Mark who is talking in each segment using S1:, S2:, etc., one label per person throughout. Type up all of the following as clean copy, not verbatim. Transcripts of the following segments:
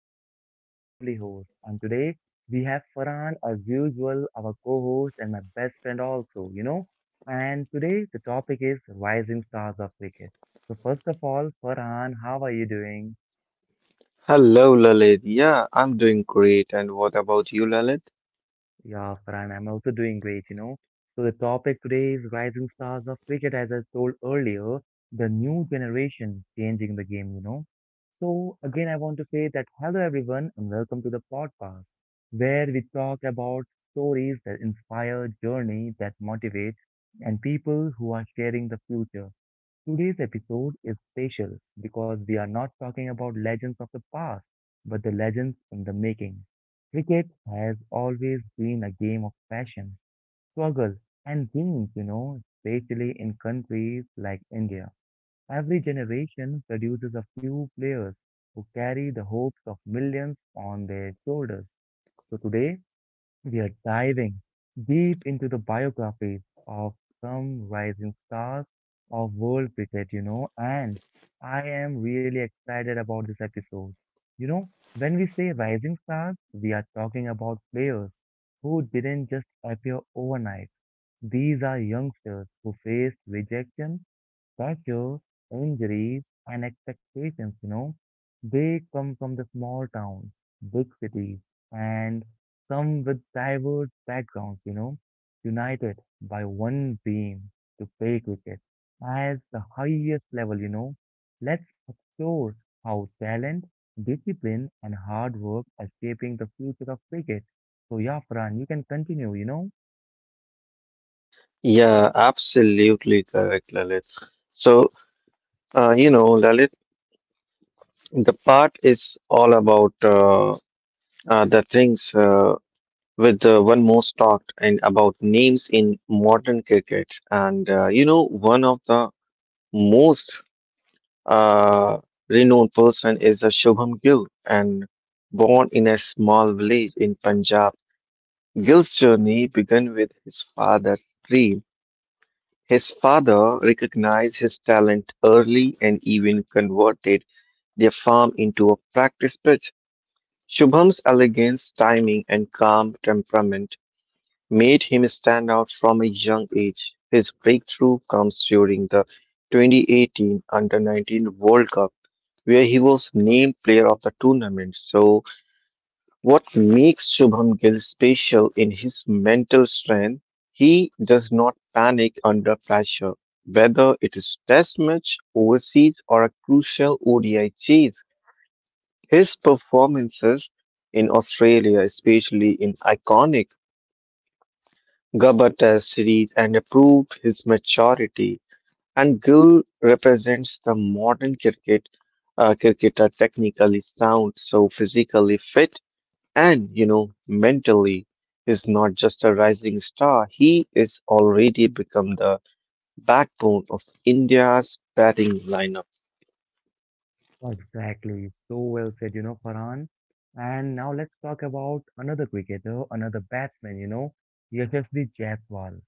S1: Lalit, your lovely host. And today we have Farhan, as usual, our co host and my best friend, also, And today the topic is rising stars of cricket. So, first of all, Farhan, how are you doing?
S2: Hello, Lalit. Yeah, I'm doing great. And what about you, Lalit?
S1: Yeah, Farhan, I'm also doing great, So the topic today is rising stars of cricket, as I told earlier, the new generation changing the game, So again, I want to say that hello everyone and welcome to the podcast where we talk about stories that inspire, journey that motivate, and people who are sharing the future. Today's episode is special because we are not talking about legends of the past, but the legends in the making. Cricket has always been a game of passion, struggle, and dreams, especially in countries like India. Every generation produces a few players who carry the hopes of millions on their shoulders. So today, we are diving deep into the biographies of some rising stars of world cricket, and I am really excited about this episode. You know, when we say rising stars, we are talking about players who didn't just appear overnight. These are youngsters who faced rejection pressures, injuries, and expectations, they come from the small towns, big cities, and some with diverse backgrounds, united by one dream to play cricket as the highest level, Let's explore how talent, discipline, and hard work are shaping the future of cricket. So, yeah, Farhan, you can continue,
S2: Yeah, absolutely correct, Lalit. So, Lalit, the part is all about the things with one most talked and about names in modern cricket. And, one of the most uh, renowned person is Shubham Gill and born in a small village in Punjab. Gil's journey began with his father's dream. His father recognized his talent early and even converted their farm into a practice pitch. Shubham's elegance, timing, and calm temperament made him stand out from a young age. His breakthrough comes during the 2018 Under 19 World Cup, where he was named player of the tournament. So, what makes Shubham Gill special in his mental strength, he does not panic under pressure, whether it is test match, overseas, or a crucial ODI chase. His performances in Australia, especially in iconic Gabba Test series, and proved his maturity. And Gill represents the modern cricket, cricketer technically sound, so physically fit and, you know, mentally is not just a rising star, he is already become the backbone of India's batting lineup.
S1: Exactly. So well said, Farhan. And now let's talk about another cricketer, another batsman, Yashasvi Jaiswal.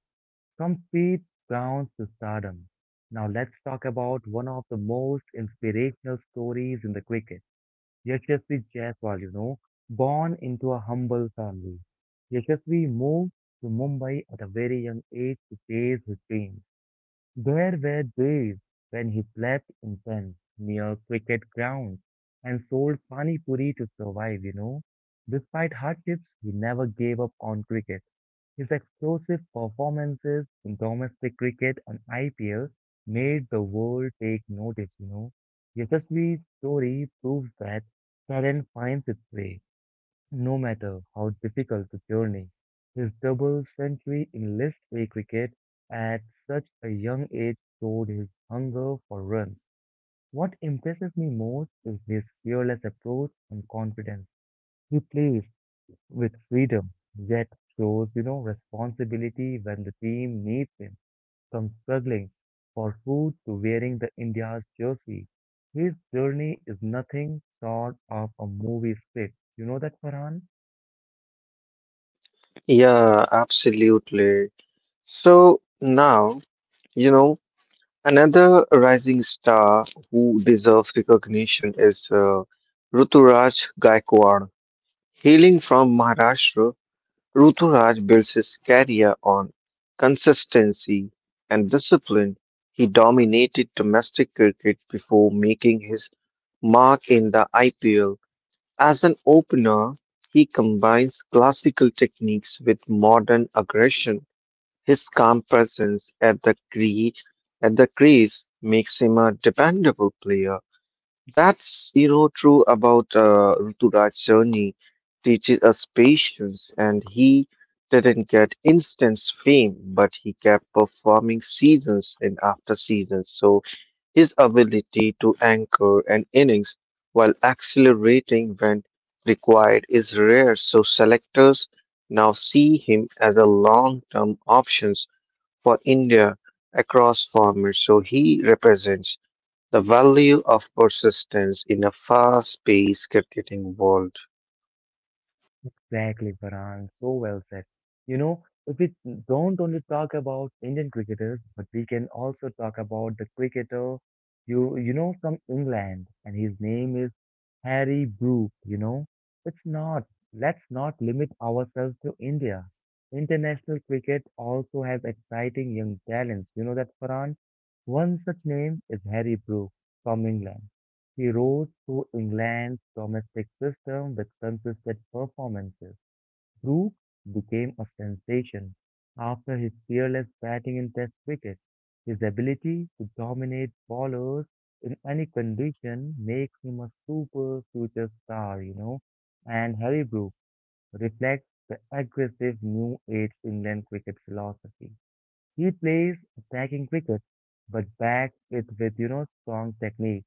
S1: From speed grounds to stardom. Now let's talk about one of the most inspirational stories in the cricket. Yashasvi Jaiswal, born into a humble family. Yashasvi moved to Mumbai at a very young age to chase his dream. There were days when he slept in tents near cricket grounds and sold pani puri to survive, Despite hardships, he never gave up on cricket. His explosive performances in domestic cricket and IPL made the world take notice, Yashasvi's story proves that talent finds its way no matter how difficult the journey, his double century in List A cricket at such a young age showed his hunger for runs. What impresses me most is his fearless approach and confidence. He plays with freedom, yet shows, responsibility when the team needs him, from struggling for food to wearing the India's jersey. His journey is nothing short of a movie script. You know that, Farhan?
S2: Yeah, absolutely. So now, you know, another rising star who deserves recognition is Ruturaj Gaikwad. Hailing from Maharashtra, Ruturaj builds his career on consistency and discipline. He dominated domestic cricket before making his mark in the IPL. As an opener, he combines classical techniques with modern aggression. His calm presence at the at the crease makes him a dependable player. That's, you know, true about Ruturaj journey teaches us patience, and he didn't get instant fame, but he kept performing seasons and after seasons. So his ability to anchor an innings while accelerating when required is rare. So selectors now see him as a long-term options for India across formats. So he represents. The value of persistence in a fast paced competing world.
S1: Exactly, Farhan. So well said. You know, if we don't only talk about Indian cricketers, but we can also talk about the cricketer you know from England, and his name is Harry Brook. You know, it's not. Let's not limit ourselves to India. International cricket also has exciting young talents. You know that, Farhan. One such name is Harry Brook from England. He rose through England's domestic system with consistent performances. Rook became a sensation after his fearless batting in Test cricket. His ability to dominate bowlers in any condition makes him a super future star, And Harry Brook reflects the aggressive new age England cricket philosophy. He plays attacking cricket, but backs it with, strong technique.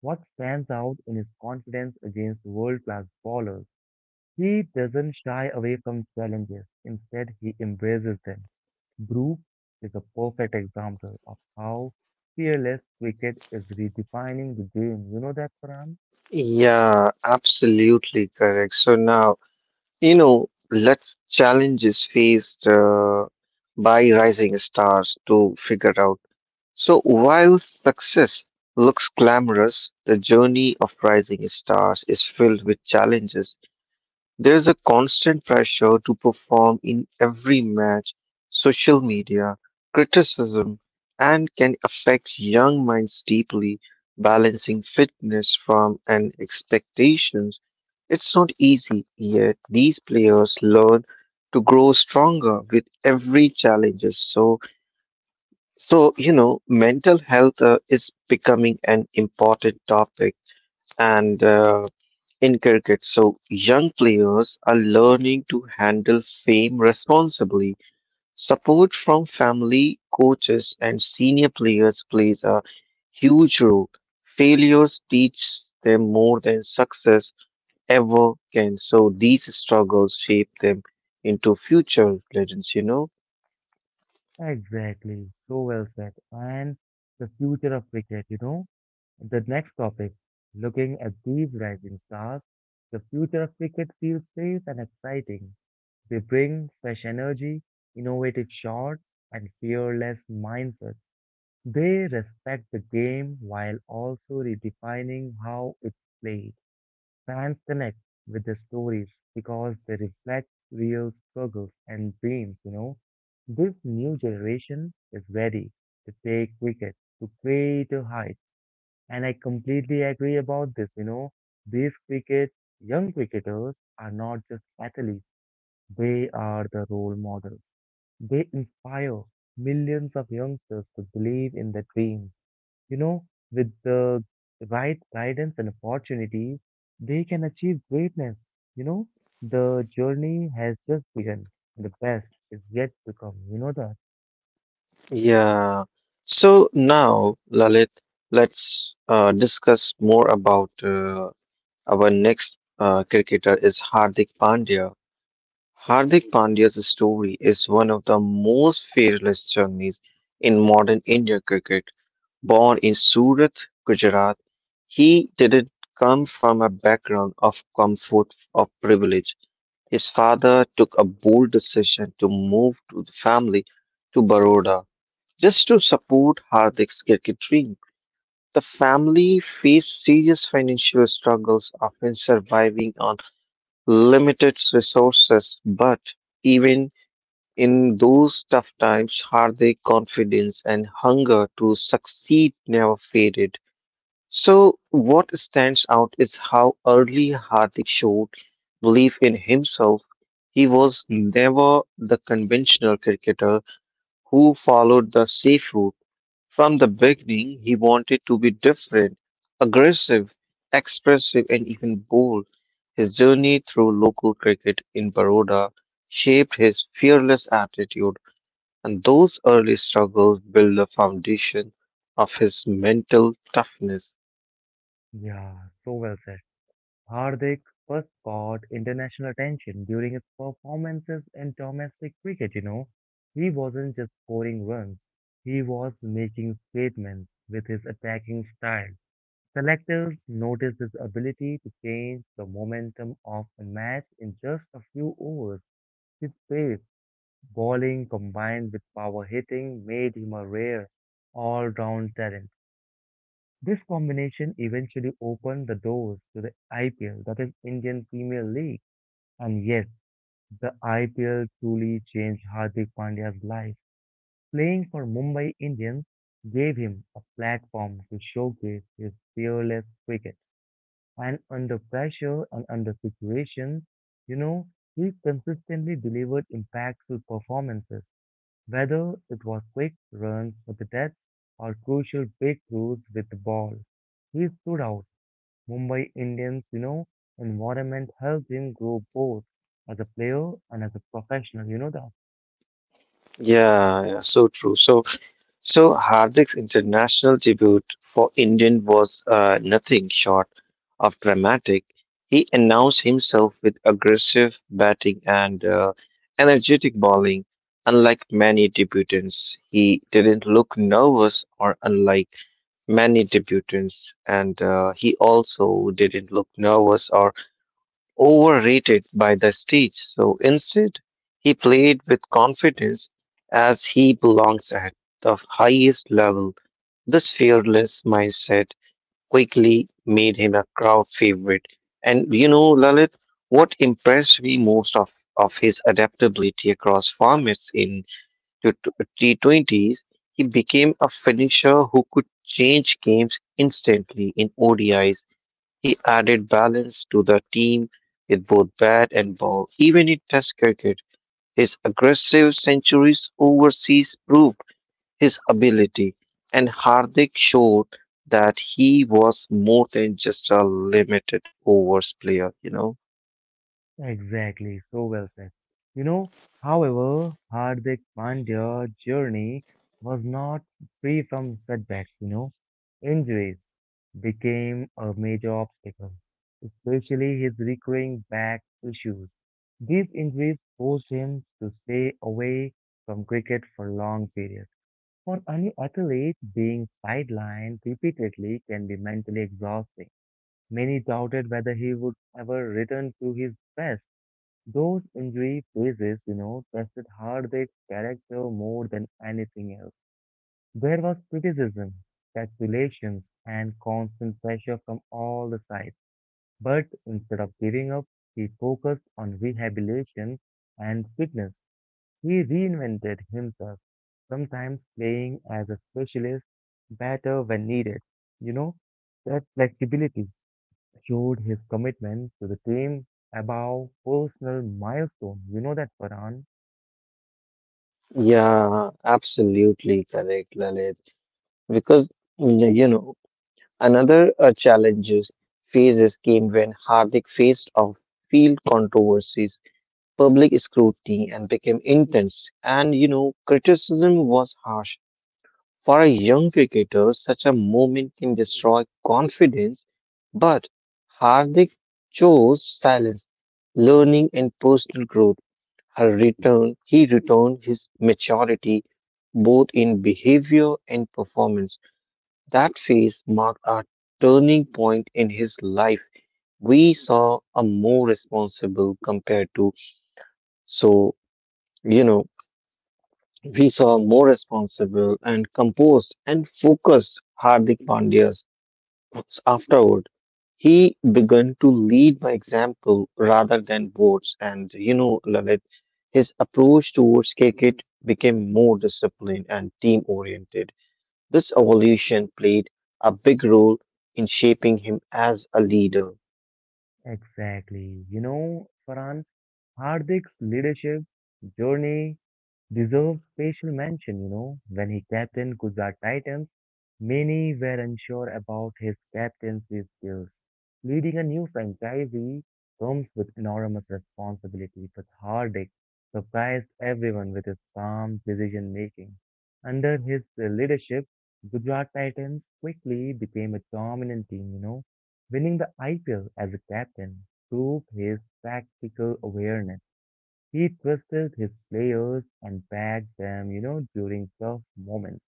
S1: What stands out in his confidence against world-class bowlers he doesn't shy away from challenges, instead, he embraces them. Brook is a perfect example of how fearless cricket is redefining the game. You know that, Pram?
S2: Yeah, absolutely correct. So now, you know, let's challenges faced by rising stars to figure out. So while success looks glamorous, the journey of rising stars is filled with challenges. There's a constant pressure to perform in every match, social media, criticism, and can affect young minds deeply. Balancing fitness from and expectations, it's not easy, yet these players learn to grow stronger with every challenges. So, you know, mental health is becoming an important topic and in cricket. So young players are learning to handle fame responsibly. Support from family, coaches, and senior players plays a huge role. Failures teach them more than success ever can. So these struggles shape them into future legends, you know?
S1: Exactly. So well said. And the future of cricket, The next topic, looking at these rising stars, the future of cricket feels safe and exciting. They bring fresh energy, innovative shots, and fearless mindsets. They respect the game while also redefining how it's played. Fans connect with the stories because they reflect real struggles and dreams, This new generation is ready to take cricket to greater heights. And I completely agree about this, These cricket, young cricketers are not just athletes, they are the role models. They inspire millions of youngsters to believe in their dreams. You know, with the right guidance and opportunities, they can achieve greatness. You know, the journey has just begun. The best is yet to come. You know that?
S2: Yeah. So now, Lalit, let's discuss more about our next cricketer is Hardik Pandya. Hardik Pandya's story is one of the most fearless journeys in modern Indian cricket. Born in Surat, Gujarat, he didn't come from a background of comfort or privilege. His father took a bold decision to move to the family to Baroda just to support Hardik's cricket dream. The family faced serious financial struggles, often surviving on limited resources, but even in those tough times, Hardik's confidence and hunger to succeed never faded. So, what stands out is how early Hardik showed belief in himself. He was never the conventional cricketer who followed the safe route. From the beginning, he wanted to be different, aggressive, expressive, and even bold. His journey through local cricket in Baroda shaped his fearless attitude, and those early struggles built the foundation of his mental toughness.
S1: Yeah, so well said. Hardik first caught international attention during his performances in domestic cricket, He wasn't just scoring runs, he was making statements with his attacking style. Selectors noticed his ability to change the momentum of a match in just a few overs. His pace, bowling combined with power hitting made him a rare all-round talent. This combination eventually opened the doors to the IPL, that is Indian Premier League. And yes, the IPL truly changed Hardik Pandya's life. Playing for Mumbai Indians gave him a platform to showcase his fearless cricket. And under pressure and under situations, you know, he consistently delivered impactful performances, whether it was quick runs for the death or crucial breakthroughs with the ball. He stood out Mumbai Indians, environment helped him grow both as a player and as a professional. You know that
S2: Yeah, so true. So Hardik's international debut for Indian was nothing short of dramatic. He announced himself with aggressive batting and energetic bowling. Unlike many debutants, he didn't look nervous, or unlike many debutants, and he also didn't look nervous or overrated by the stage, so instead, he played with confidence as he belongs at the highest level. This fearless mindset quickly made him a crowd favorite. And you know, Lalit, what impressed me most of his adaptability across formats in the T20s, he became a finisher who could change games instantly in ODIs he added balance to the team with both bat and ball, even in Test cricket. His aggressive centuries overseas proved his ability, and Hardik showed that he was more than just a limited overs player, you know.
S1: exactly. So well said. You know, however, Hardik Pandya's journey was not free from setbacks. You know, injuries became a major obstacle, especially his recurring back issues. These injuries forced him to stay away from cricket for long periods. For any athlete, being sidelined repeatedly can be mentally exhausting. Many doubted whether he would ever return to his best. Those injury phases, tested Hardik's character more than anything else. There was criticism, speculations, and constant pressure from all the sides. But instead of giving up, he focused on rehabilitation and fitness. He reinvented himself sometimes playing as a specialist better when needed. You know, that flexibility showed his commitment to the team above personal milestone. You know that, Farhan?
S2: Yeah, absolutely correct, Lalit. Because, you know, another challenges phases came when Hardik faced off field controversies. Public scrutiny and became intense. And you know, criticism was harsh. For a young cricketer, such a moment can destroy confidence, but Hardik chose silence, learning, and personal growth. Her return, he returned his maturity both in behavior and performance. That phase marked a turning point in his life. We saw a more responsible compared to so you know we saw more responsible and composed and focused Hardik Pandya's afterward. He began to lead by example rather than votes, and you know, Lalit, his approach towards cricket became more disciplined and team oriented. This evolution played a big role in shaping him as a leader.
S1: Exactly. You know, Farhan, Hardik's leadership journey deserves special mention, when he captained Gujarat Titans Many were unsure about his captaincy skills. Leading a new franchise comes with enormous responsibility, but Hardik surprised everyone with his calm decision making. Under his leadership, Gujarat Titans quickly became a dominant team, Winning the IPL as a captain proved his tactical awareness. He trusted his players and backed them, during tough moments.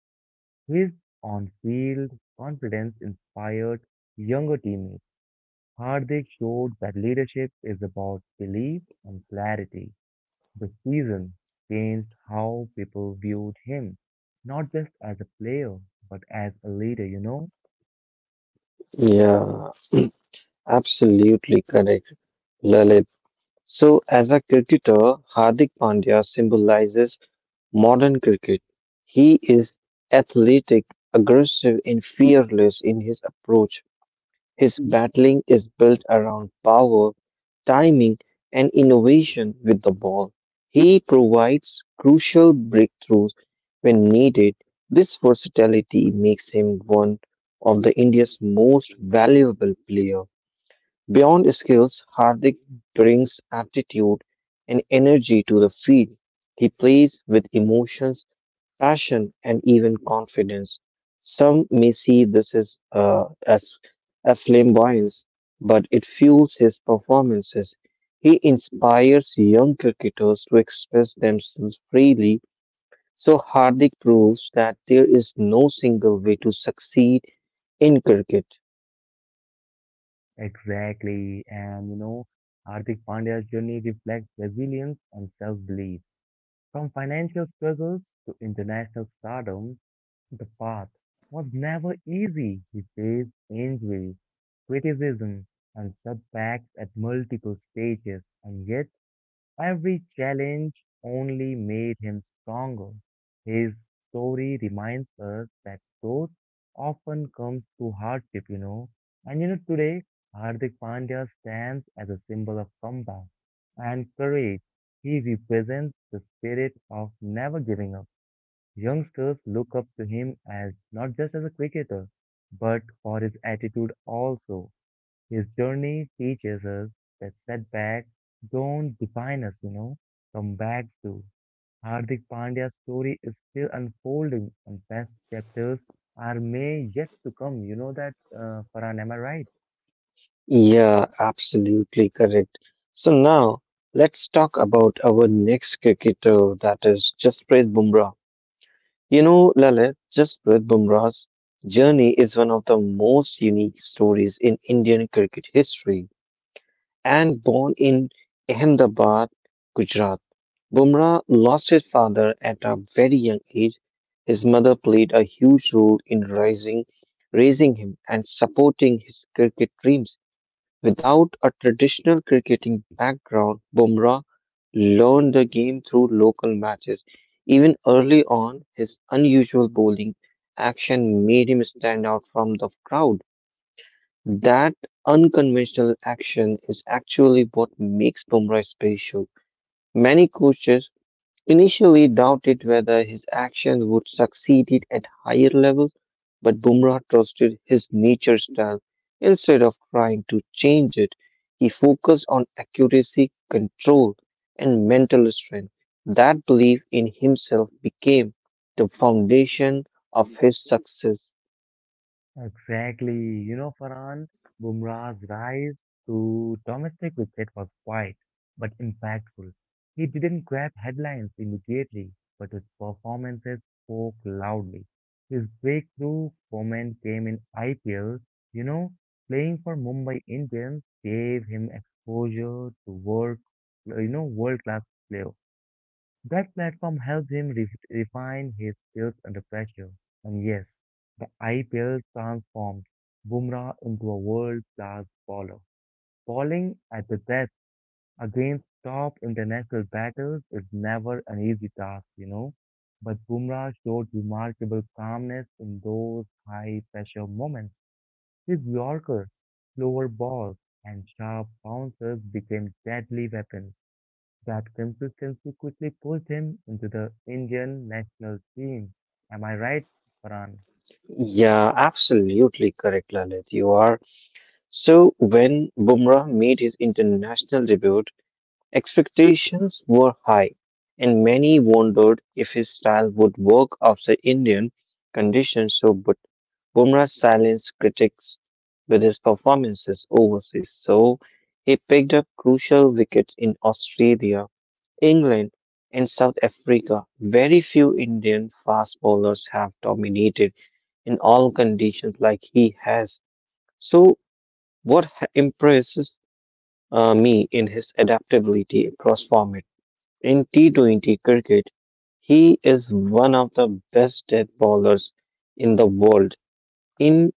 S1: His on-field confidence inspired younger teammates. Hardik showed that leadership is about belief and clarity. The season changed how people viewed him, not just as a player, but as a leader,
S2: Yeah, absolutely correct, Lalit. So, as a cricketer, Hardik Pandya symbolizes modern cricket. He is athletic, aggressive, and fearless in his approach. His battling is built around power, timing, and innovation with the ball. He provides crucial breakthroughs when needed. This versatility makes him one of the India's most valuable players. Beyond skills, Hardik brings aptitude and energy to the field. He plays with emotions passion, and even confidence. Some may see this as a flamboyance, but it fuels his performances. He inspires young cricketers to express themselves freely, so Hardik proves that there is no single way to succeed in cricket.
S1: Exactly. And, Hardik Pandya's journey reflects resilience and self-belief. From financial struggles to international stardom, the path was never easy. He faced injury, criticism, and setbacks at multiple stages, and yet every challenge only made him stronger. His story reminds us that growth often comes through hardship, And you know, today, Hardik Pandya stands as a symbol of comeback and courage. He represents the spirit of never giving up. Youngsters look up to him as not just as a cricketer, but for his attitude also. His journey teaches us that setbacks don't define us, comebacks do. Hardik Pandya's story is still unfolding, and best chapters are may yet to come. You know that, Farhan, am I right?
S2: Yeah, absolutely correct. So now let's talk about our next cricketer, that is Jasprit Bumrah. You know, Lalit, Jasprit Bumrah's journey is one of the most unique stories in Indian cricket history. And born in Ahmedabad, Gujarat, Bumrah lost his father at a very young age. His mother played a huge role in raising him and supporting his cricket dreams. Without a traditional cricketing background, Bumrah learned the game through local matches. Even early on, his unusual bowling action made him stand out from the crowd. That unconventional action is actually what makes Bumrah special. Many coaches initially doubted whether his action would succeed it at higher levels, but Bumrah trusted his nature style. Instead of trying to change it, he focused on accuracy, control, and mental strength. That belief in himself became the foundation of his success.
S1: Exactly. You know, Farhan, Bumrah's rise to domestic cricket was quiet but impactful. He didn't grab headlines immediately, but his performances spoke loudly. His breakthrough moment came in IPL. You know, playing for Mumbai Indians gave him exposure to world, world-class players. That platform helped him refine his skills under pressure. And yes, the IPL transformed Bumrah into a world-class bowler. Bowling at the death against top international batters is never an easy task, But Bumrah showed remarkable calmness in those high-pressure moments. His Yorker, slower balls, and sharp bouncers became deadly weapons. That consistency quickly pushed him into the Indian national team. Am I right, Farhan?
S2: Yeah, absolutely correct, Lalit. You are. So, when Bumrah made his international debut, expectations were high, and many wondered if his style would work after Indian conditions. So, but Bumrah silenced critics with his performances overseas. So, he picked up crucial wickets in Australia, England, and South Africa. Very few Indian fast bowlers have dominated in all conditions like he has. So, what impresses me in his adaptability across formats? In T20 cricket, he is one of the best death bowlers in the world. In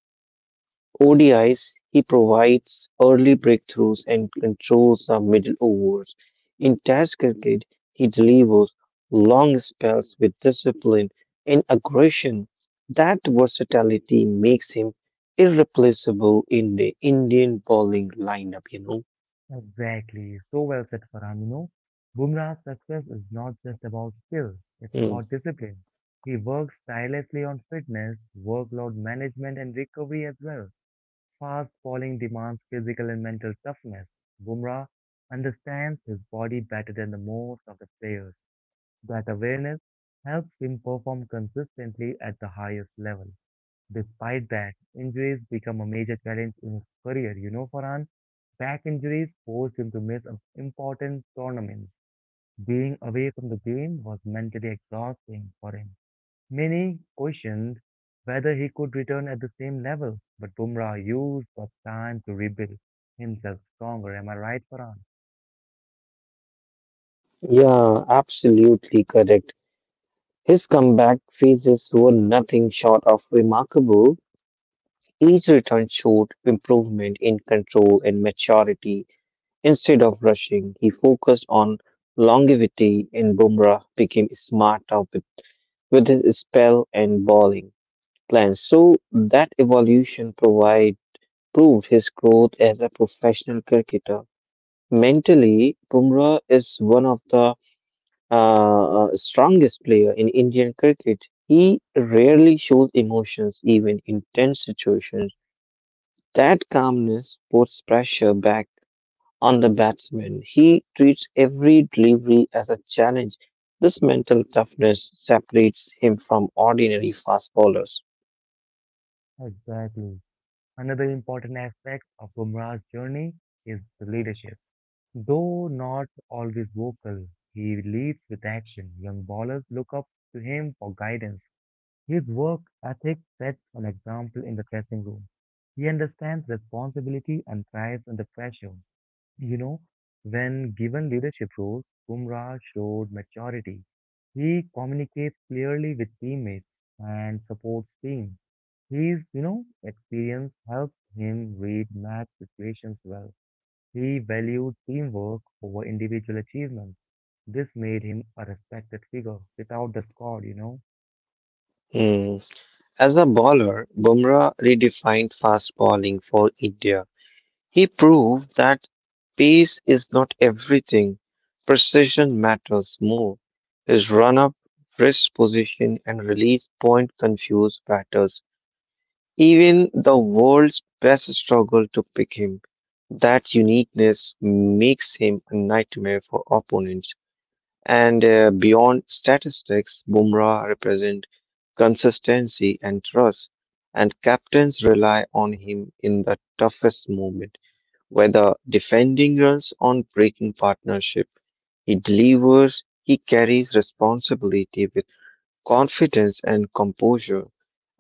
S2: ODIs, he provides early breakthroughs and controls the middle overs. In Test cricket, he delivers long spells with discipline and aggression. That versatility makes him irreplaceable in the Indian bowling lineup, you know.
S1: Exactly. So well said, Farhan. You know, Bumrah's success is not just about skill,
S2: Hmm.
S1: it's about discipline. He works tirelessly on fitness, workload management, and recovery as well. Fast bowling demands physical and mental toughness. Bumrah understands his body better than the most of the players. That awareness helps him perform consistently at the highest level. Despite that, injuries become a major challenge in his career. You know, Farhan, back injuries forced him to miss important tournaments. Being away from the game was mentally exhausting for him. Many questioned whether he could return at the same level, but Bumrah used the time to rebuild himself stronger. Am I right, Farhan?
S2: Yeah, absolutely correct. His comeback phases were nothing short of remarkable. Each return showed improvement in control and maturity. Instead of rushing, he focused on longevity, and Bumrah became smarter with his spell and bowling plans. So that evolution provide proved his growth as a professional cricketer. Mentally, Bumrah is one of the strongest player in Indian cricket, he rarely shows emotions even in tense situations. That calmness puts pressure back on the batsman. He treats every delivery as a challenge. This mental toughness separates him from ordinary fast bowlers.
S1: Exactly. Another important aspect of Bumrah's journey is the leadership. Though not always vocal, he leads with action. Young ballers look up to him for guidance. His work ethic sets an example in the dressing room. He understands responsibility and thrives under pressure. You know, when given leadership roles, Bumrah showed maturity. He communicates clearly with teammates and supports team. His experience helps him read match situations well. He valued teamwork over individual achievement. This made him a respected figure without the squad.
S2: Hmm. As a bowler, Bumrah redefined fast bowling for India. He proved that pace is not everything. Precision matters more. His run up, wrist position, and release point confused batters. Even the world's best struggle to pick him. That uniqueness makes him a nightmare for opponents. And beyond statistics, Bumrah represent consistency and trust, and captains rely on him in the toughest moment. Whether defending runs on breaking partnership, he delivers, he carries responsibility with confidence and composure,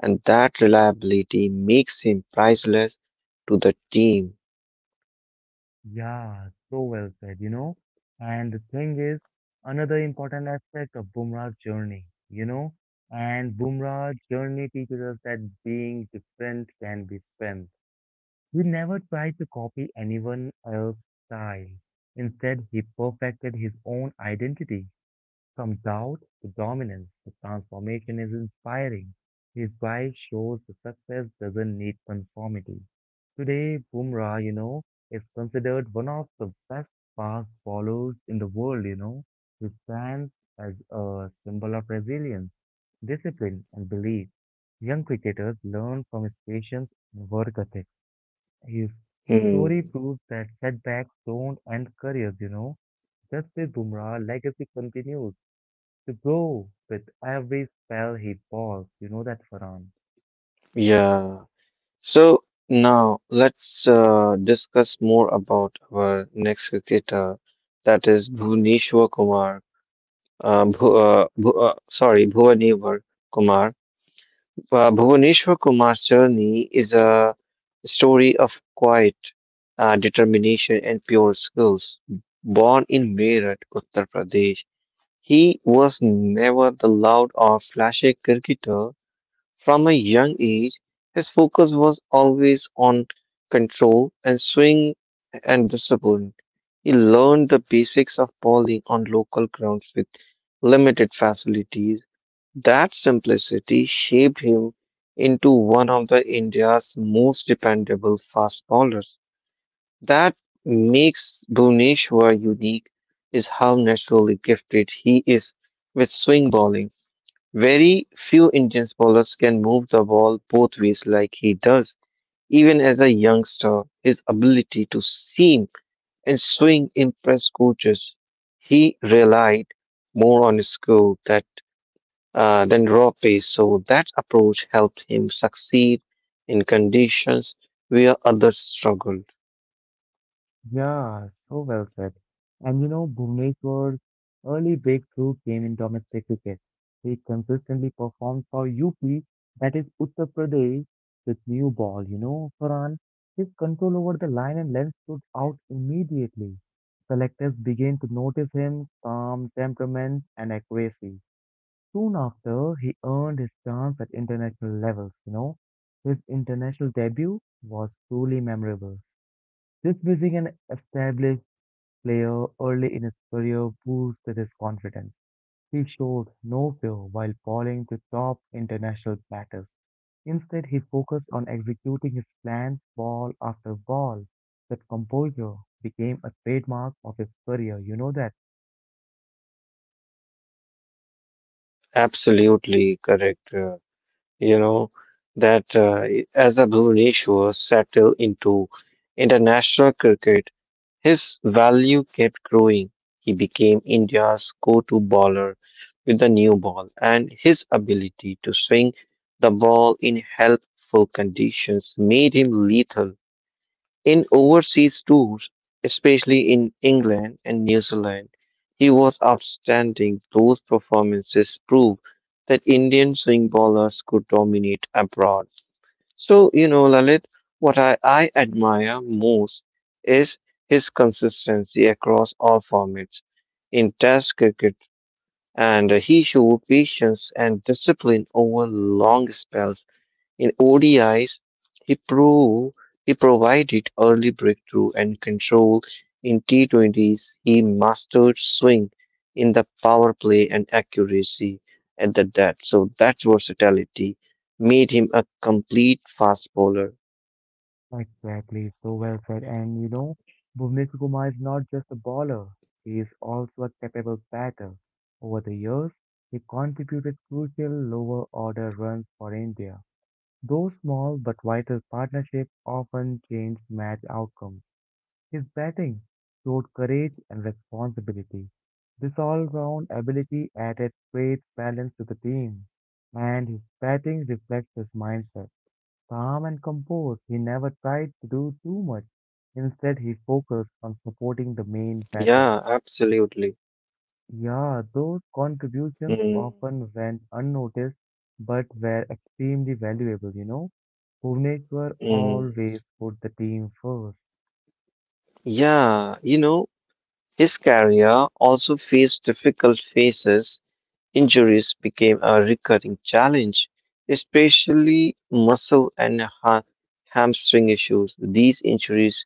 S2: and that reliability makes him priceless to the team.
S1: Yeah, so well said. And the thing is, another important aspect of Bumrah's journey, and Bumrah's journey teaches us that being different can be strength. He never tried to copy anyone else's style. Instead, he perfected his own identity. Some doubt the dominance, the transformation is inspiring. His wife shows the success doesn't need conformity. Today, Bumrah, is considered one of the best fast bowlers in the world. He stands as a symbol of resilience, discipline, and belief. Young cricketers learn from his patience and work ethics. His
S2: Hmm.
S1: story proves that setbacks don't end careers. Just with Bumrah, legacy continues to go with every spell he balls. You know that, Farhan.
S2: Yeah. So now let's discuss more about our next cricketer, that is Bhuvneshwar Kumar. Bhuvaneshwar Kumar. Bhuvaneshwar Kumar's journey is a story of quiet determination and pure skills. Born in Meerut, Uttar Pradesh, he was never the loud or flashy cricketer. From a young age, his focus was always on control and swing and discipline. He learned the basics of bowling on local grounds with limited facilities that simplicity shaped him into one of the India's most dependable fast bowlers. That makes Bhuvneshwar unique is how naturally gifted he is with swing bowling. Very few Indian bowlers can move the ball both ways like he does. Even as a youngster, his ability to seam and swing impressed coaches. He relied more on his skill than than raw pace. So that approach helped him succeed in conditions where others struggled.
S1: Yeah, so well said. And you know, Bhuvneshwar's early breakthrough came in domestic cricket. He consistently performed for UP, that is Uttar Pradesh, with new ball. You know, Farhan, his control over the line and length stood out immediately. Selectors began to notice him, calm temperament, and accuracy. Soon after, he earned his chance at international levels. His international debut was truly memorable. This being an established player early in his career boosted his confidence. He showed no fear while falling to top international batters. Instead, he focused on executing his plans ball after ball. That composure became a trademark of his career. You know that.
S2: Absolutely correct. You know that I- as a Bhuvaneshwar settled into international cricket, his value kept growing. He became India's go-to bowler with the new ball, and his ability to swing the ball in helpful conditions made him lethal in overseas tours, especially in England and New Zealand. He was outstanding. Those performances prove that Indian swing bowlers could dominate abroad. So, you know, Lalit, what I admire most is his consistency across all formats. In Test cricket, and he showed patience and discipline over long spells. In ODIs, he proved he provided early breakthrough and control. In T20s, he mastered swing in the power play and accuracy at the death. So that versatility made him a complete fast bowler.
S1: Exactly, so well said. And you know, Bhuvnesh Kumar is not just a bowler, he is also a capable batter. Over the years, he contributed crucial lower order runs for India. Though small but vital partnerships often changed match outcomes. His batting showed courage and responsibility. This all-round ability added great balance to the team, and his batting reflects his mindset. Calm and composed, he never tried to do too much. Instead, he focused on supporting the main
S2: Yeah,
S1: batter.
S2: absolutely.
S1: Yeah, those contributions
S2: Mm,
S1: often went unnoticed but were extremely valuable. Bhuvneshwar
S2: mm.
S1: always put the team first.
S2: Yeah, you know, his career also faced difficult phases. Injuries became a recurring challenge, especially muscle and hamstring issues. These injuries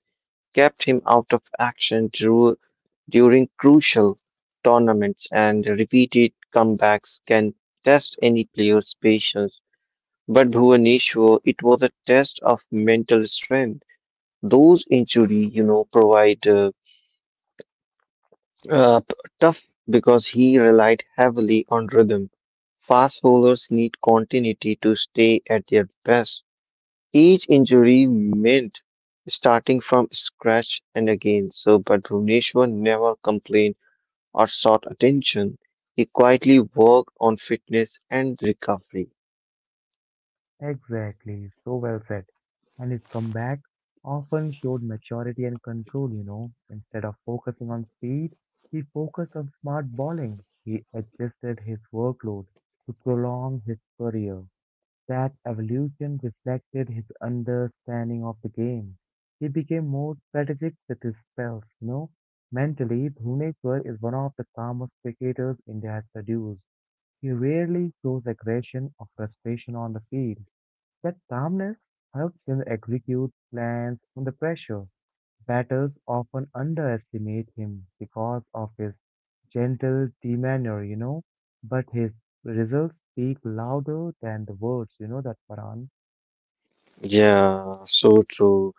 S2: kept him out of action during crucial tournaments, and repeated comebacks can test any player's patience. But Bhuvaneshwar, it was a test of mental strength. Those injuries, you know, provide tough, because he relied heavily on rhythm. Fast bowlers need continuity to stay at their best. Each injury meant starting from scratch and again. So, but Bhuvneshwar never complained or sought attention. He quietly worked on fitness and recovery.
S1: Exactly, so well said. And his comeback often showed maturity and control. Instead of focusing on speed, he focused on smart bowling. He adjusted his workload to prolong his career. That evolution reflected his understanding of the game. He became more strategic with his spells. Mentally, Bhuvneshwar is one of the calmest cricketers India has produced. He rarely shows aggression or frustration on the field that calmness helps him execute plans under pressure. Batters often underestimate him because of his gentle demeanor, but his results speak louder than the words, you know, that Paran.
S2: Yeah, so true.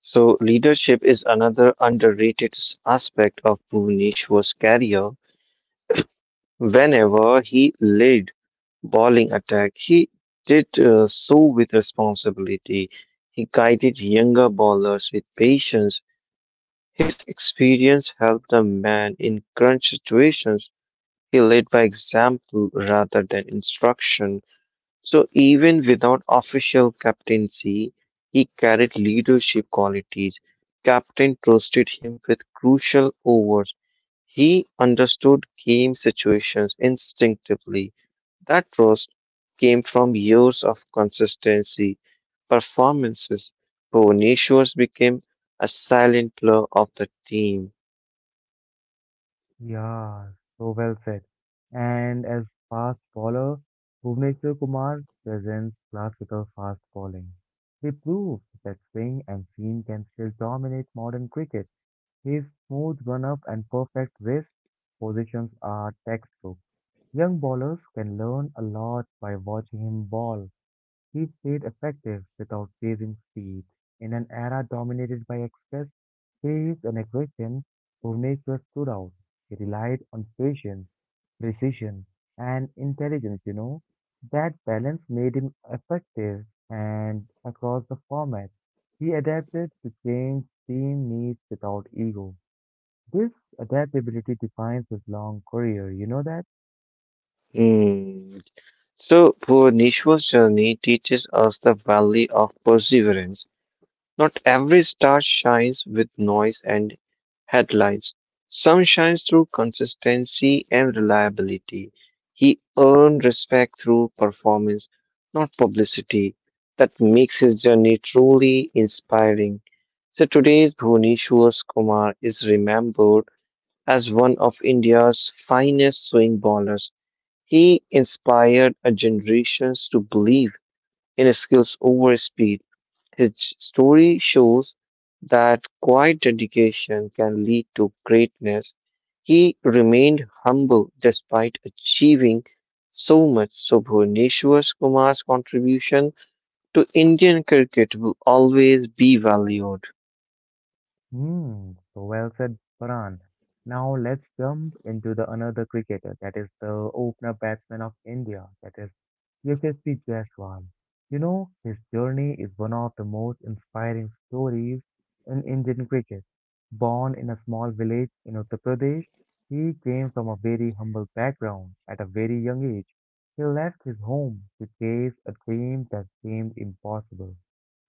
S2: So leadership is another underrated aspect of Bhuvneshwar's career. Whenever he led bowling attack, he did so with responsibility. He guided younger bowlers with patience. His experience helped a man in crunch situations. He led by example rather than instruction. So even without official captaincy, he carried leadership qualities. Captain trusted him with crucial overs. He understood game situations instinctively. That trust came from years of consistency performances. Bonicio became a silent pillar of the team.
S1: Yeah, so well said. And as fast bowler, Bhuvneshwar Kumar presents classical fast bowling. He proves that swing and seam can still dominate modern cricket. His smooth run-up and perfect wrist positions are textbook. Young bowlers can learn a lot by watching him bowl. He stayed effective without chasing speed. In an era dominated by express pace and aggression, Bhuvneshwar stood out. He relied on patience, precision, and intelligence. That balance made him effective and across the format. He adapted to change team needs without ego. This adaptability defines his long career, you know that?
S2: Hmm. So Boniccio's journey teaches us the value of perseverance. Not every star shines with noise and headlines. Some shine through consistency and reliability. He earned respect through performance, not publicity. That makes his journey truly inspiring. So today's Bhuvneshwar Kumar is remembered as one of India's finest swing bowlers. He inspired a generations to believe in skills over speed. His story shows that quiet dedication can lead to greatness. He remained humble despite achieving so much, so Bhuvaneshwar Kumar's contribution to Indian cricket will always be valued.
S1: Hmm, so well said, Paran. Now let's jump into the another cricketer, that is the opener batsman of India, that is Yashasvi Jaiswal. You know, his journey is one of the most inspiring stories in Indian cricket. Born in a small village in Uttar Pradesh, he came from a very humble background at a very young age. He left his home to chase a dream that seemed impossible.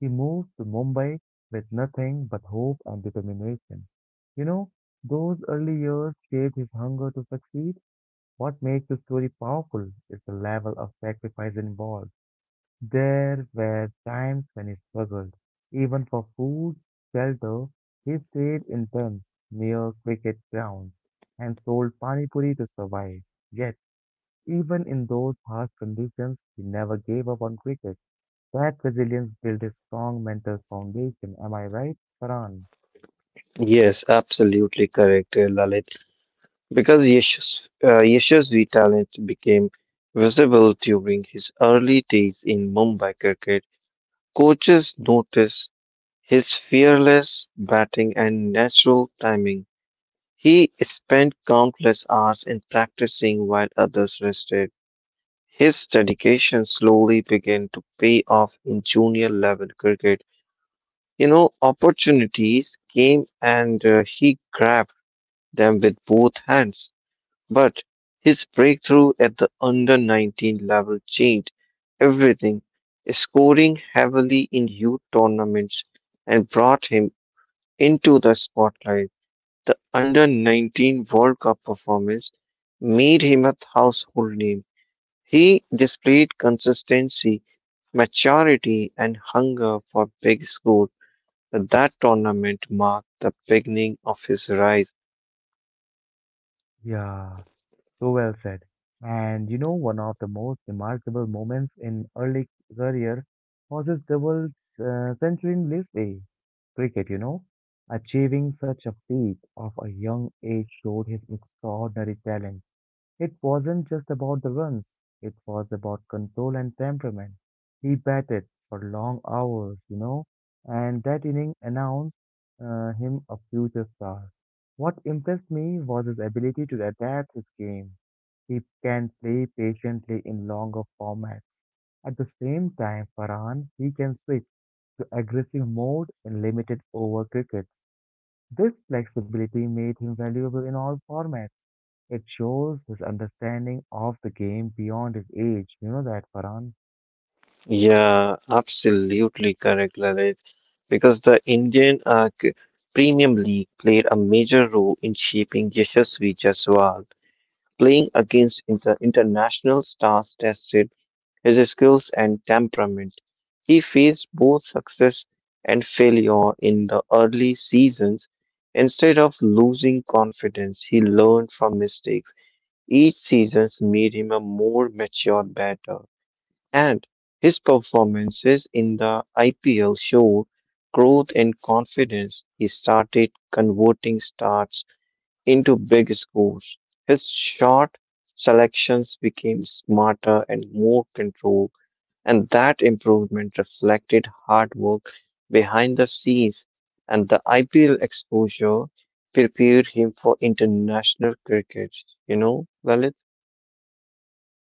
S1: He moved to Mumbai with nothing but hope and determination. You know, those early years shaped his hunger to succeed. What makes the story powerful is the level of sacrifice involved. There were times when he struggled, even for food, shelter. He stayed in tents near cricket grounds and sold pani puri to survive. Yet, even in those harsh conditions, he never gave up on cricket. That resilience built a strong mental foundation. Am I right, Farhan?
S2: Yes, absolutely correct, Lalit. Because Yashasvi talent became visible during his early days in Mumbai cricket, coaches noticed his fearless batting and natural timing. He spent countless hours in practicing while others rested. His dedication slowly began to pay off in junior level cricket. You know, opportunities came and he grabbed them with both hands. But his breakthrough at the under 19 level changed everything, scoring heavily in youth tournaments and brought him into the spotlight. The under 19 World Cup performance made him a household name. He displayed consistency, maturity, and hunger for big score. That tournament marked the beginning of his rise.
S1: Yeah, so well said. And you know, one of the most remarkable moments in early career was his double century in List A cricket, you know. Achieving such a feat of a young age showed his extraordinary talent. It wasn't just about the runs, it was about control and temperament. He batted for long hours, you know, and that inning announced him a future star. What impressed me was his ability to adapt his game. He can play patiently in longer formats. At the same time, Farhan, he can switch to aggressive mode in limited over crickets. This flexibility made him valuable in all formats. It shows his understanding of the game beyond his age. You know that, Farhan?
S2: Yeah, absolutely correct, Lalit. Because the Indian Premium League played a major role in shaping Yashasvi Jaiswal. Playing against international stars tested his skills and temperament. He faced both success and failure in the early seasons. Instead of losing confidence, he learned from mistakes. Each season made him a more mature batter, and his performances in the IPL showed growth and confidence. He started converting starts into big scores. His shot selections became smarter and more controlled. And that improvement reflected hard work behind the scenes, and the IPL exposure prepared him for international cricket, you know, Lalit?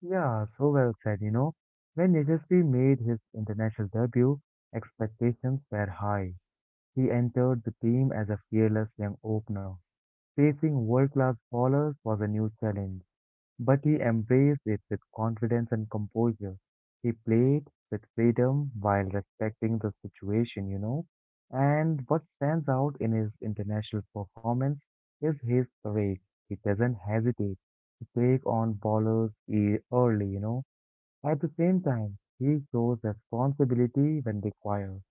S1: Yeah, so well said, you know. When Yashasvi made his international debut, expectations were high. He entered the team as a fearless young opener. Facing world-class bowlers was a new challenge, but he embraced it with confidence and composure. He played with freedom while respecting the situation, you know. And what stands out in his international performance is his courage. He doesn't hesitate to take on ballers early, you know. At the same time, he shows responsibility when required.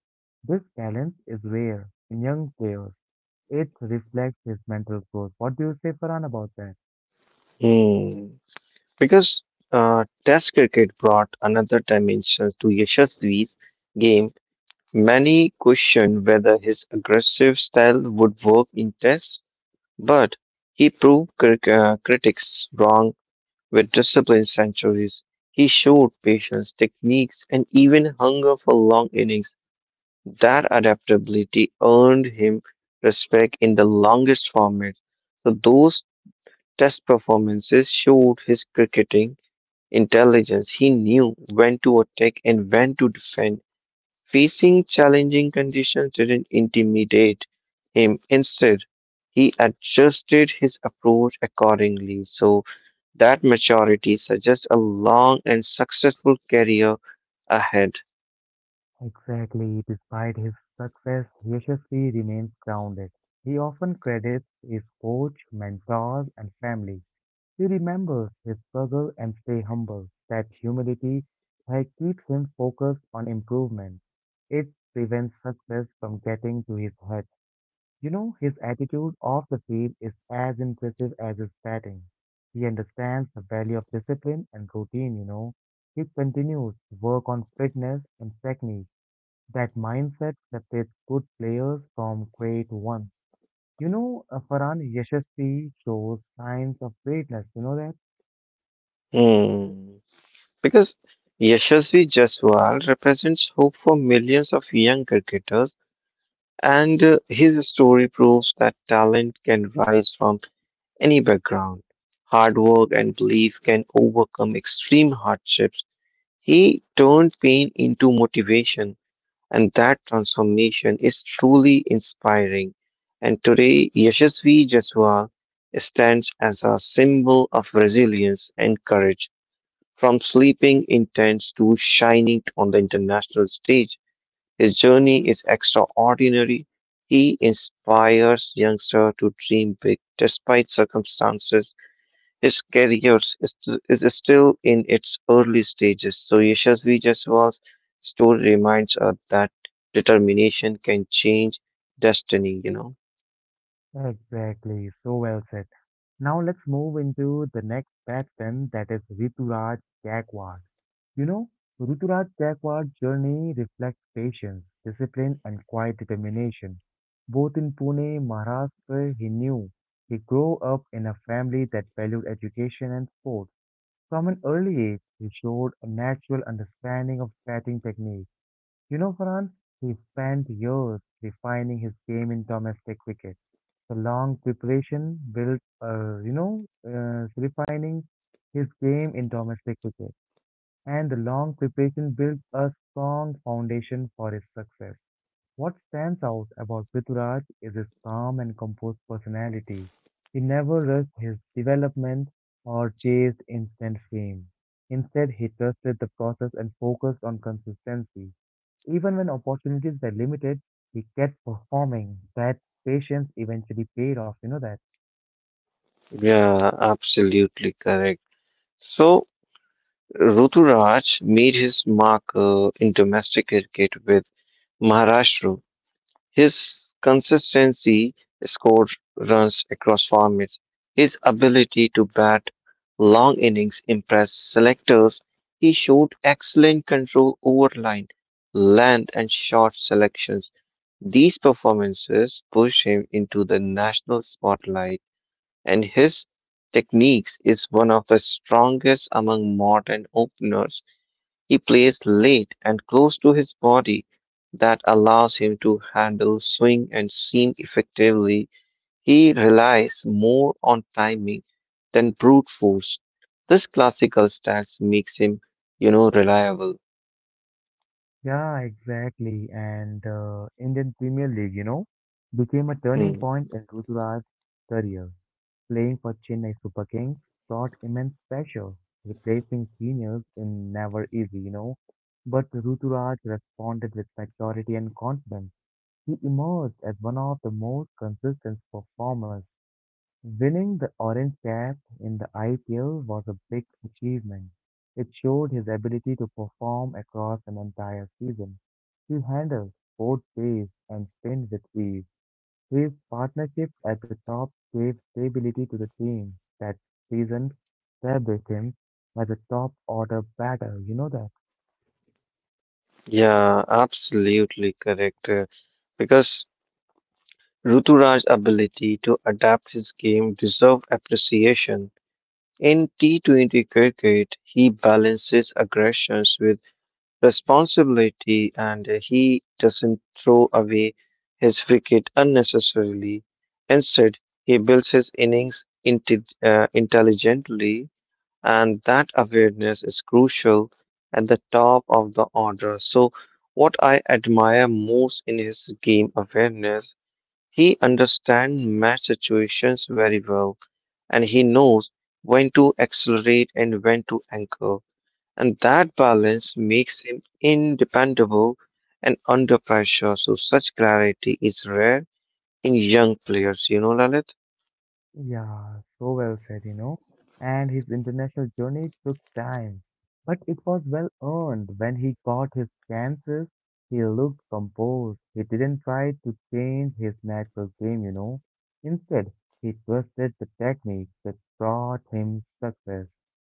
S1: This talent is rare in young players. It reflects his mental growth. What do you say, Farhan, about that?
S2: Hmm. Because Test cricket brought another dimension to Yashasvi's game. Many questioned whether his aggressive style would work in Test, but he proved critics wrong with disciplined centuries. He showed patience, techniques, and even hunger for long innings. That adaptability earned him respect in the longest format. So those test performances showed his cricketing intelligence. He knew when to attack and when to defend. Facing challenging conditions didn't intimidate him. Instead, he adjusted his approach accordingly. So, that maturity suggests a long and successful career ahead.
S1: Exactly. Despite his success, Yashasvi remains grounded. He often credits his coach, mentors, and family. He remembers his struggle and stay humble. That humility keeps him focused on improvement. It prevents success from getting to his head. You know, his attitude off the field is as impressive as his batting. He understands the value of discipline and routine, you know. He continues to work on fitness and technique that mindset separates good players from great ones. You know, Farhan Yashasvi shows signs of greatness. You know that?
S2: Hmm. Because Yashasvi Jaiswal represents hope for millions of young cricketers, and his story proves that talent can rise from any background. Hard work and belief can overcome extreme hardships. He turned pain into motivation, and that transformation is truly inspiring. And today, Yashasvi Jaiswal stands as a symbol of resilience and courage. From sleeping in tents to shining on the international stage, his journey is extraordinary. He inspires youngsters to dream big despite circumstances. His career is still in its early stages, so Yashasvi Jaiswal's story reminds us that determination can change destiny, you know.
S1: Exactly. So well said. Now let's move into the next batsman, that is Rituraj Gaikwad. You know, Rituraj Gaikwad's journey reflects patience, discipline, and quiet determination. Both in Pune, Maharashtra, he knew he grew up in a family that valued education and sport. From an early age, he showed a natural understanding of batting technique. You know, Farhan, he spent years refining his game in domestic cricket. The long preparation refining his game in domestic cricket and the long preparation built a strong foundation for his success. What stands out about Prithviraj is his calm and composed personality. He never rushed his development or chased instant fame. Instead, he trusted the process and focused on consistency. Even when opportunities were limited, he kept performing. That patience eventually paid off, you know that.
S2: Yeah, absolutely correct. So, Ruturaj made his mark in domestic cricket with Maharashtra. His consistency score runs across formats. His ability to bat long innings impressed selectors. He showed excellent control over line, length, and short selections. These performances pushed him into the national spotlight, and his techniques is one of the strongest among modern openers. He plays late and close to his body that allows him to handle swing and seam effectively. He relies more on timing than brute force. This classical stance makes him, you know, reliable.
S1: Yeah, exactly. And Indian Premier League, you know, became a turning
S2: Hmm.
S1: point in Ruturaj's career. Playing for Chennai Super Kings brought immense pressure, replacing seniors in never easy, you know. But Ruturaj responded with maturity and confidence. He emerged as one of the most consistent performers. Winning the orange cap in the IPL was a big achievement. It showed his ability to perform across an entire season. He handled both pace and spin with ease. His partnership at the top gave stability to the team that season, established him as a top order batter. You know that.
S2: Yeah, absolutely correct. Because Ruturaj's ability to adapt his game deserves appreciation. In T20 cricket, he balances aggressions with responsibility and he doesn't throw away his wicket unnecessarily. Instead, he builds his innings intelligently, and that awareness is crucial at the top of the order. So, what I admire most in his game awareness, he understands match situations very well, and he knows when to accelerate and when to anchor. And that balance makes him independable and under pressure. So such clarity is rare in young players, you know, Lalit?
S1: Yeah, so well said, you know. And his international journey took time, but it was well earned. When he got his chances, he looked composed. He didn't try to change his natural game, you know. Instead, he trusted the techniques that brought him success.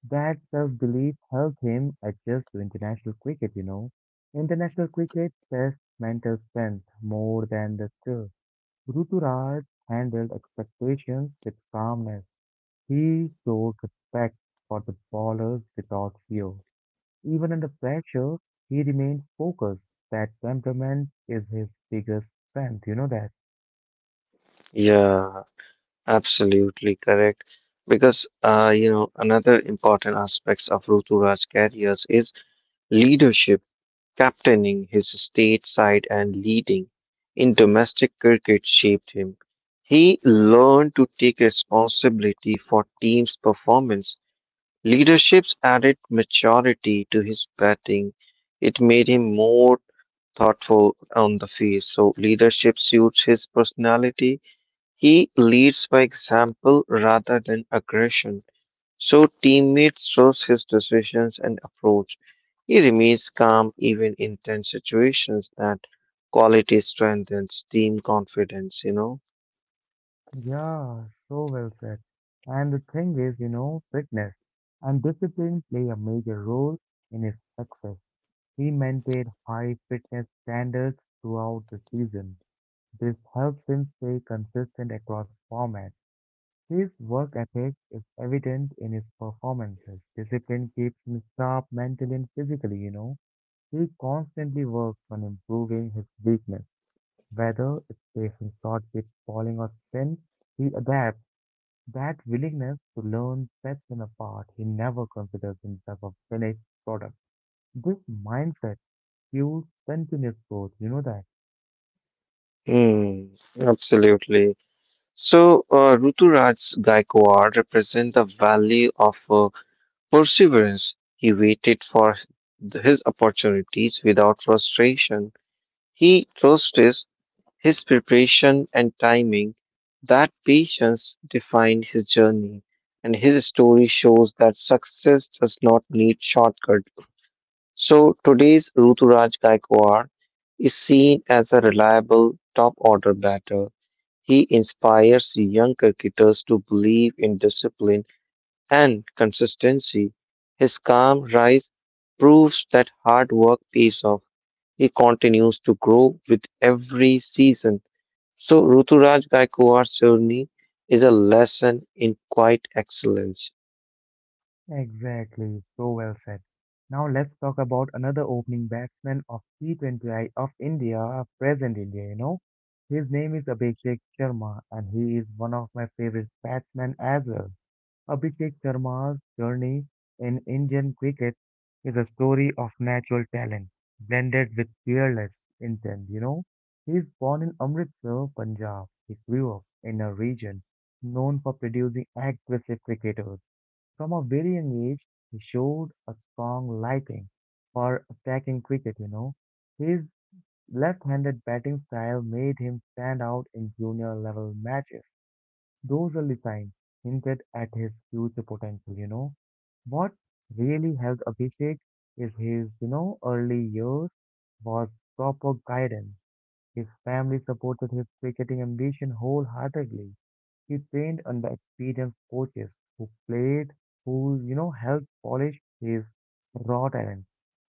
S1: That self-belief helped him adjust to international cricket, you know. International cricket tests mental strength more than the skill. Ruturaj handled expectations with calmness. He showed respect for the bowlers without fear. Even under pressure, he remained focused. That temperament is his biggest strength, you know that?
S2: Yeah, absolutely correct. Because you know, another important aspects of Ruturaj's careers is leadership, captaining his state side and leading in domestic cricket shaped him. He learned to take responsibility for team's performance. Leadership's added maturity to his batting. It made him more thoughtful on the field. So leadership suits his personality. He leads by example rather than aggression. So teammates trust his decisions and approach. He remains calm even in tense situations. That quality strengthens team confidence, you know?
S1: Yeah, so well said. And the thing is, you know, fitness and discipline play a major role in his success. He maintained high fitness standards throughout the season. This helps him stay consistent across formats. His work ethic is evident in his performances. Discipline keeps him sharp mentally and physically. He constantly works on improving his weakness. Whether it's facing short pitch bowling or spin, he adapts. That willingness to learn sets him apart. He never considers himself a finished product. This mindset fuels continuous growth, you know that.
S2: Hmm, absolutely. So, Ruturaj Gaikwad represents the value of perseverance. He waited for his opportunities without frustration. He trusted his preparation and timing. That patience defined his journey, and his story shows that success does not need shortcut. So, today's Ruturaj Gaikwad is seen as a reliable top order batter. He inspires young cricketers to believe in discipline and consistency. His calm rise proves that hard work pays off. He continues to grow with every season. So, Ruturaj Gaikwad's journey is a lesson in quiet excellence.
S1: Exactly, so well said. Now let's talk about another opening batsman of T20 I of India, present India, you know. His name is Abhishek Sharma and he is one of my favorite batsmen as well. Abhishek Sharma's journey in Indian cricket is a story of natural talent blended with fearless intent, you know. He is born in Amritsar, Punjab. He grew up in a region known for producing aggressive cricketers from a very young age, he showed a strong liking for attacking cricket. His left-handed batting style made him stand out in junior level matches. Those early signs hinted at his future potential. What really helped Abhishek is his early years was proper guidance. His family supported his cricketing ambition wholeheartedly. He trained under experienced coaches who played, who helped polish his raw talent.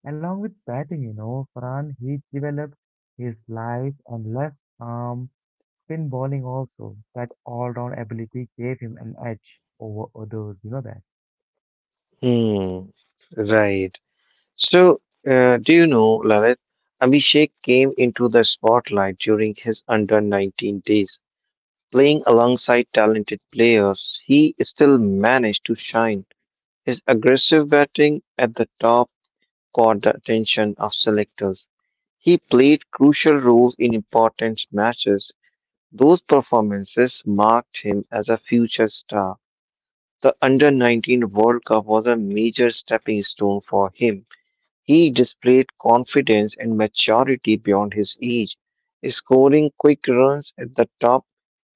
S1: Along with batting, Farhan, he developed his life and left arm spin bowling also. That all-round ability gave him an edge over others, you know that.
S2: Hmm, right. So, do you know, Lalit, Abhishek came into the spotlight during his under 19 days. Playing alongside talented players, he still managed to shine. His aggressive batting at the top caught the attention of selectors. He played crucial roles in important matches. Those performances marked him as a future star. The Under 19 World Cup was a major stepping stone for him. He displayed confidence and maturity beyond his age, scoring quick runs at the top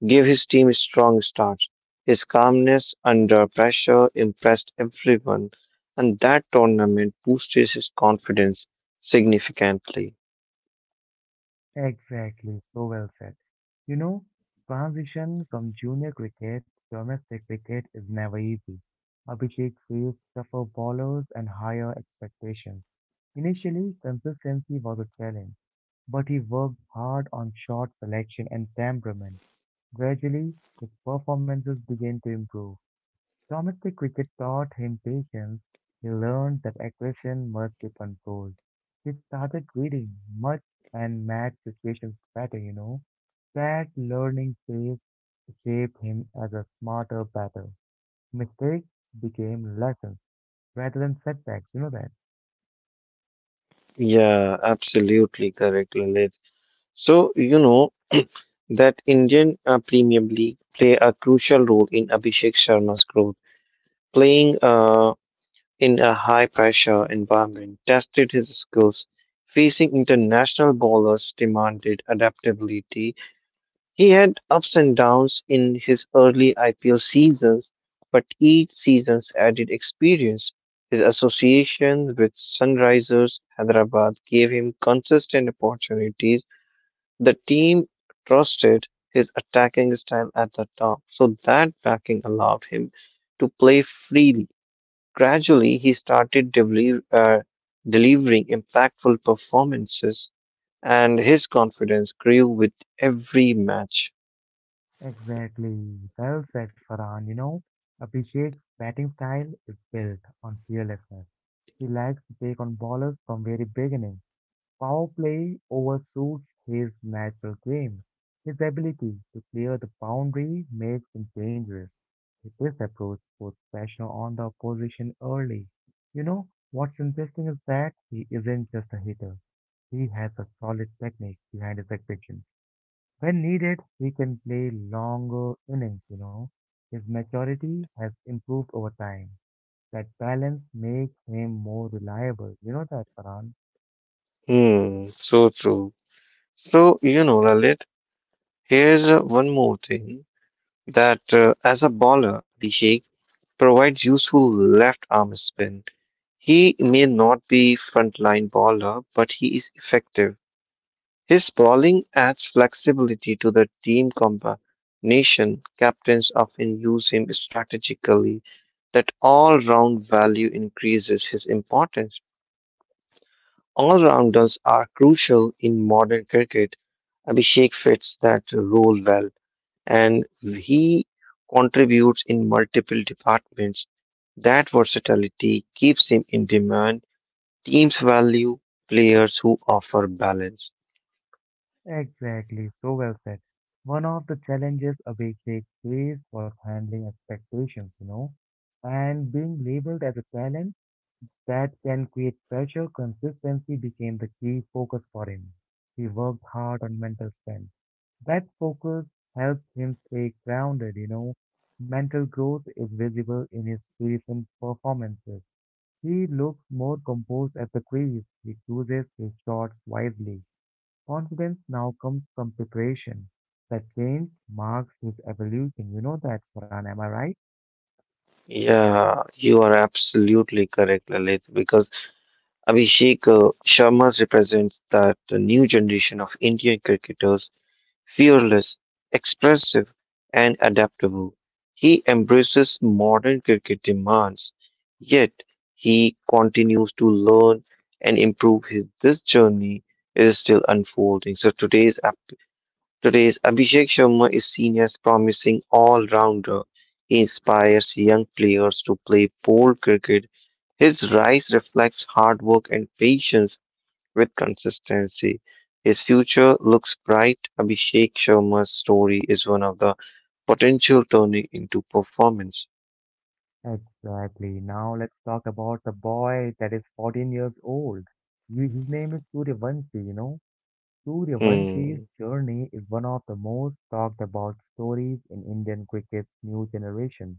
S2: gave his team strong starts. His calmness under pressure impressed everyone, and that tournament boosted his confidence significantly.
S1: Exactly, so well said. You know, transition from junior cricket to domestic cricket is never easy. Abhishek faced tougher bowlers and higher expectations. Initially, consistency was a challenge, but he worked hard on shot selection and temperament. Gradually, his performances began to improve. Domestic cricket taught him patience. He learned that aggression must be controlled. He started reading much and match situations better. That learning phase shaped him as a smarter batter. Mistakes became lessons rather than setbacks, you know that.
S2: Yeah, absolutely correct, Lalit. So, you know that Indian Premier League play a crucial role in Abhishek Sharma's growth. Playing in a high pressure environment tested his skills. Facing international bowlers demanded adaptability. He had ups and downs in his early IPL seasons, but each season's added experience. His association with Sunrisers Hyderabad gave him consistent opportunities. The team trusted his attacking style at the top, so that backing allowed him to play freely. Gradually, he started delivering impactful performances, and his confidence grew with every match.
S1: Exactly. Well said, Farhan. You know, Abhishek's batting style is built on fearlessness. He likes to take on ballers from very beginning. Power play overshoots his natural game. His ability to clear the boundary makes him dangerous. This approach puts pressure on the opposition early. You know, what's interesting is that he isn't just a hitter. He has a solid technique behind his execution. When needed, he can play longer innings. His maturity has improved over time. That balance makes him more reliable. You know that, Paran?
S2: Hmm, so true. So, you know, Lalit, here's one more thing that as a bowler, Abhishek provides useful left arm spin. He may not be frontline bowler, but he is effective. His bowling adds flexibility to the team combination. Captains often use him strategically. That all round value increases his importance. All rounders are crucial in modern cricket. Abhishek fits that role well and he contributes in multiple departments. That versatility keeps him in demand. Teams value players who offer balance.
S1: Exactly, so well said. One of the challenges Abhishek faced was handling expectations, and being labeled as a talent that can create pressure, consistency became the key focus for him. He worked hard on mental strength. That focus helped him stay grounded. Mental growth is visible in his recent performances. He looks more composed at the crease. He chooses his shots wisely. Confidence now comes from preparation. That change marks his evolution. You know that, Farhan, am I right?
S2: Yeah, you are absolutely correct, Lalit, because Abhishek Sharma represents that the new generation of Indian cricketers, fearless, expressive, and adaptable. He embraces modern cricket demands, yet he continues to learn and improve. His this journey is still unfolding. Today's Abhishek Sharma is seen as promising all-rounder. He inspires young players to play pole cricket. His rise reflects hard work and patience with consistency. His future looks bright. Abhishek Sharma's story is one of the potential turning into performance.
S1: Exactly. Now let's talk about the boy that is 14 years old. You, his name is Suryavanshi, you know. Suryavanshi's
S2: Hmm.
S1: journey is one of the most talked about stories in Indian cricket's new generation.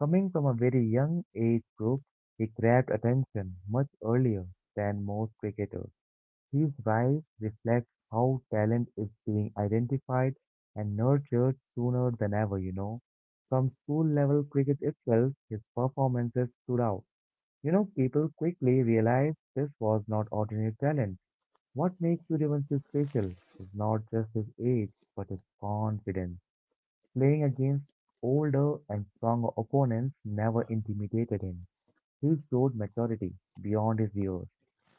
S1: Coming from a very young age group, he grabbed attention much earlier than most cricketers. His rise reflects how talent is being identified and nurtured sooner than ever, you know. From school level cricket itself, his performances stood out. You know, people quickly realized this was not ordinary talent. What makes Suryavanshi special is not just his age, but his confidence. Playing against older and stronger opponents never intimidated him. He showed maturity beyond his years.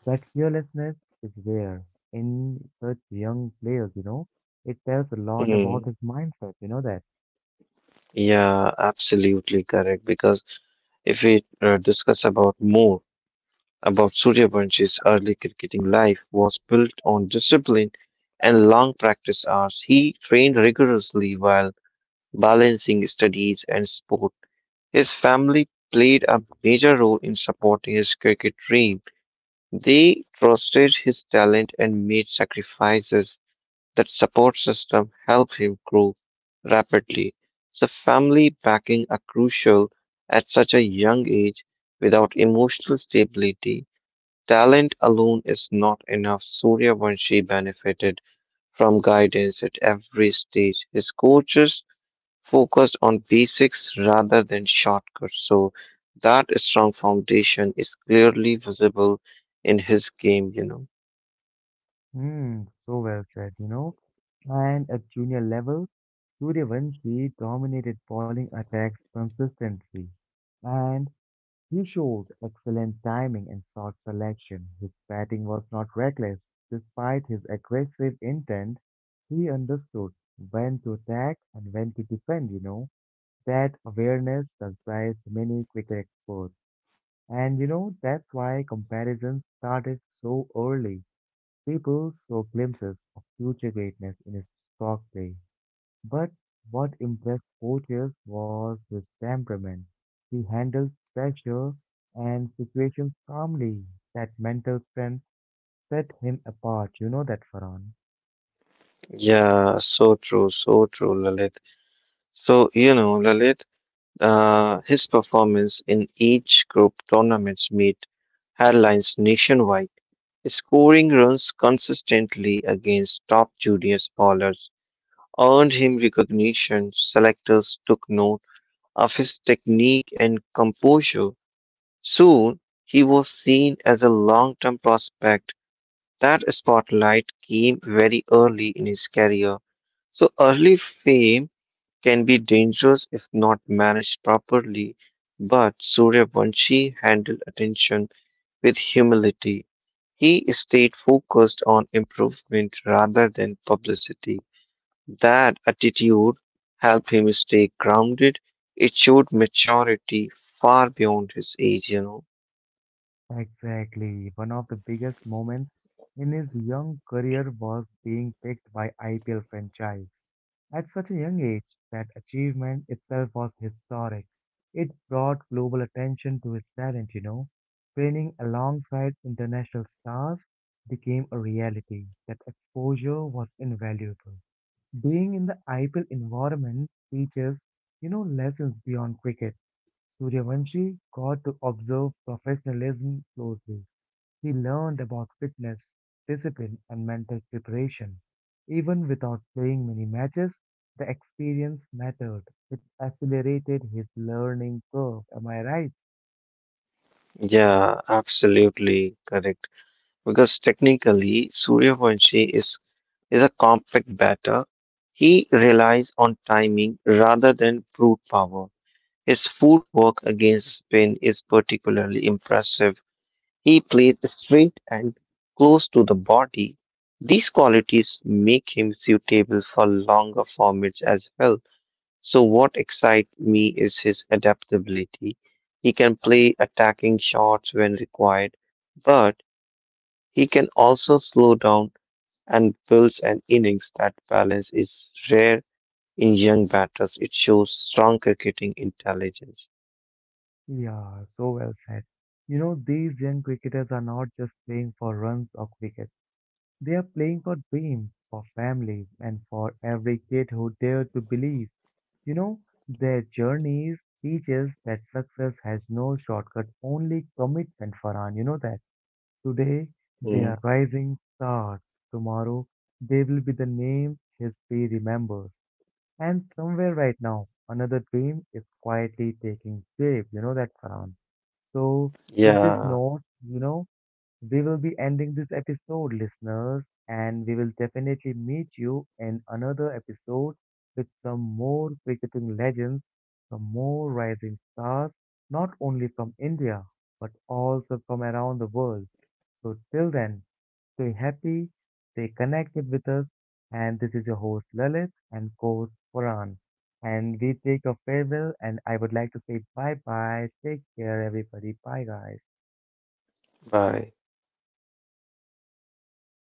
S1: That fearlessness is rare in such young players. It tells a lot about
S2: Hmm.
S1: his mindset, you know that.
S2: Yeah, absolutely correct. Because if we discuss about more about Suryavansh's early cricketing life was built on discipline and long practice hours. He trained rigorously while balancing studies and sport. His family played a major role in supporting his cricket dream. They trusted his talent and made sacrifices. That support system helped him grow rapidly. So, family backing are crucial at such a young age without emotional stability. Talent alone is not enough. Suryavanshi benefited from guidance at every stage. His coaches focused on basics rather than shortcuts. So that strong foundation is clearly visible in his game, you know.
S1: Hmm, so well said. And at junior level, Suryavanshi dominated bowling attacks consistently. And He showed excellent timing and shot selection. His batting was not reckless. Despite his aggressive intent, he understood when to attack and when to defend. That awareness surprised many cricket experts. And you know, that's why comparisons started so early. People saw glimpses of future greatness in his stock play. But what impressed coaches was his temperament. He handled pressure and situations calmly. That mental strength set him apart. You know that, Farhan.
S2: Yeah, so true, Lalit. So, you know, Lalit, his performance in each group tournaments made headlines nationwide, scoring runs consistently against top junior bowlers earned him recognition. Selectors took note of his technique and composure. Soon, he was seen as a long-term prospect. That spotlight came very early in his career. So early fame can be dangerous if not managed properly, but Suryavanshi handled attention with humility. He stayed focused on improvement rather than publicity. That attitude helped him stay grounded. It showed maturity far beyond his age, you know.
S1: Exactly. One of the biggest moments in his young career was being picked by IPL franchise. At such a young age, that achievement itself was historic. It brought global attention to his talent. Training alongside international stars became a reality. That exposure was invaluable. Being in the IPL environment teaches lessons beyond cricket. Suryavanshi got to observe professionalism closely. He learned about fitness, discipline, and mental preparation. Even without playing many matches, the experience mattered. It accelerated his learning curve. Am I right?
S2: Yeah, absolutely correct. Because technically, Suryavanshi is a compact batter. He relies on timing rather than brute power. His footwork against spin is particularly impressive. He plays straight and close to the body. These qualities make him suitable for longer formats as well. So, what excites me is his adaptability. He can play attacking shots when required, but he can also slow down and builds an innings that balance is rare in young batters. It shows strong cricketing intelligence.
S1: Yeah, so well said. You know, these young cricketers are not just playing for runs or wickets. They are playing for dreams, for families, and for every kid who dared to believe. You know, their journeys teaches that success has no shortcut, only commitment, Farhan. You know that. Today they are
S2: Mm,
S1: rising stars. Tomorrow they will be the name history remembers. And somewhere right now, another dream is quietly taking shape. You know that, Farhan. So with this
S2: yeah,
S1: note, you know, we will be ending this episode, listeners, and we will definitely meet you in another episode with some more cricketing legends, some more rising stars, not only from India, but also from around the world. So till then, stay happy, stay connected with us, and this is your host Lalit and co-host Farhan. And we take a farewell and I would like to say bye bye. Take care everybody. Bye guys.
S2: bye.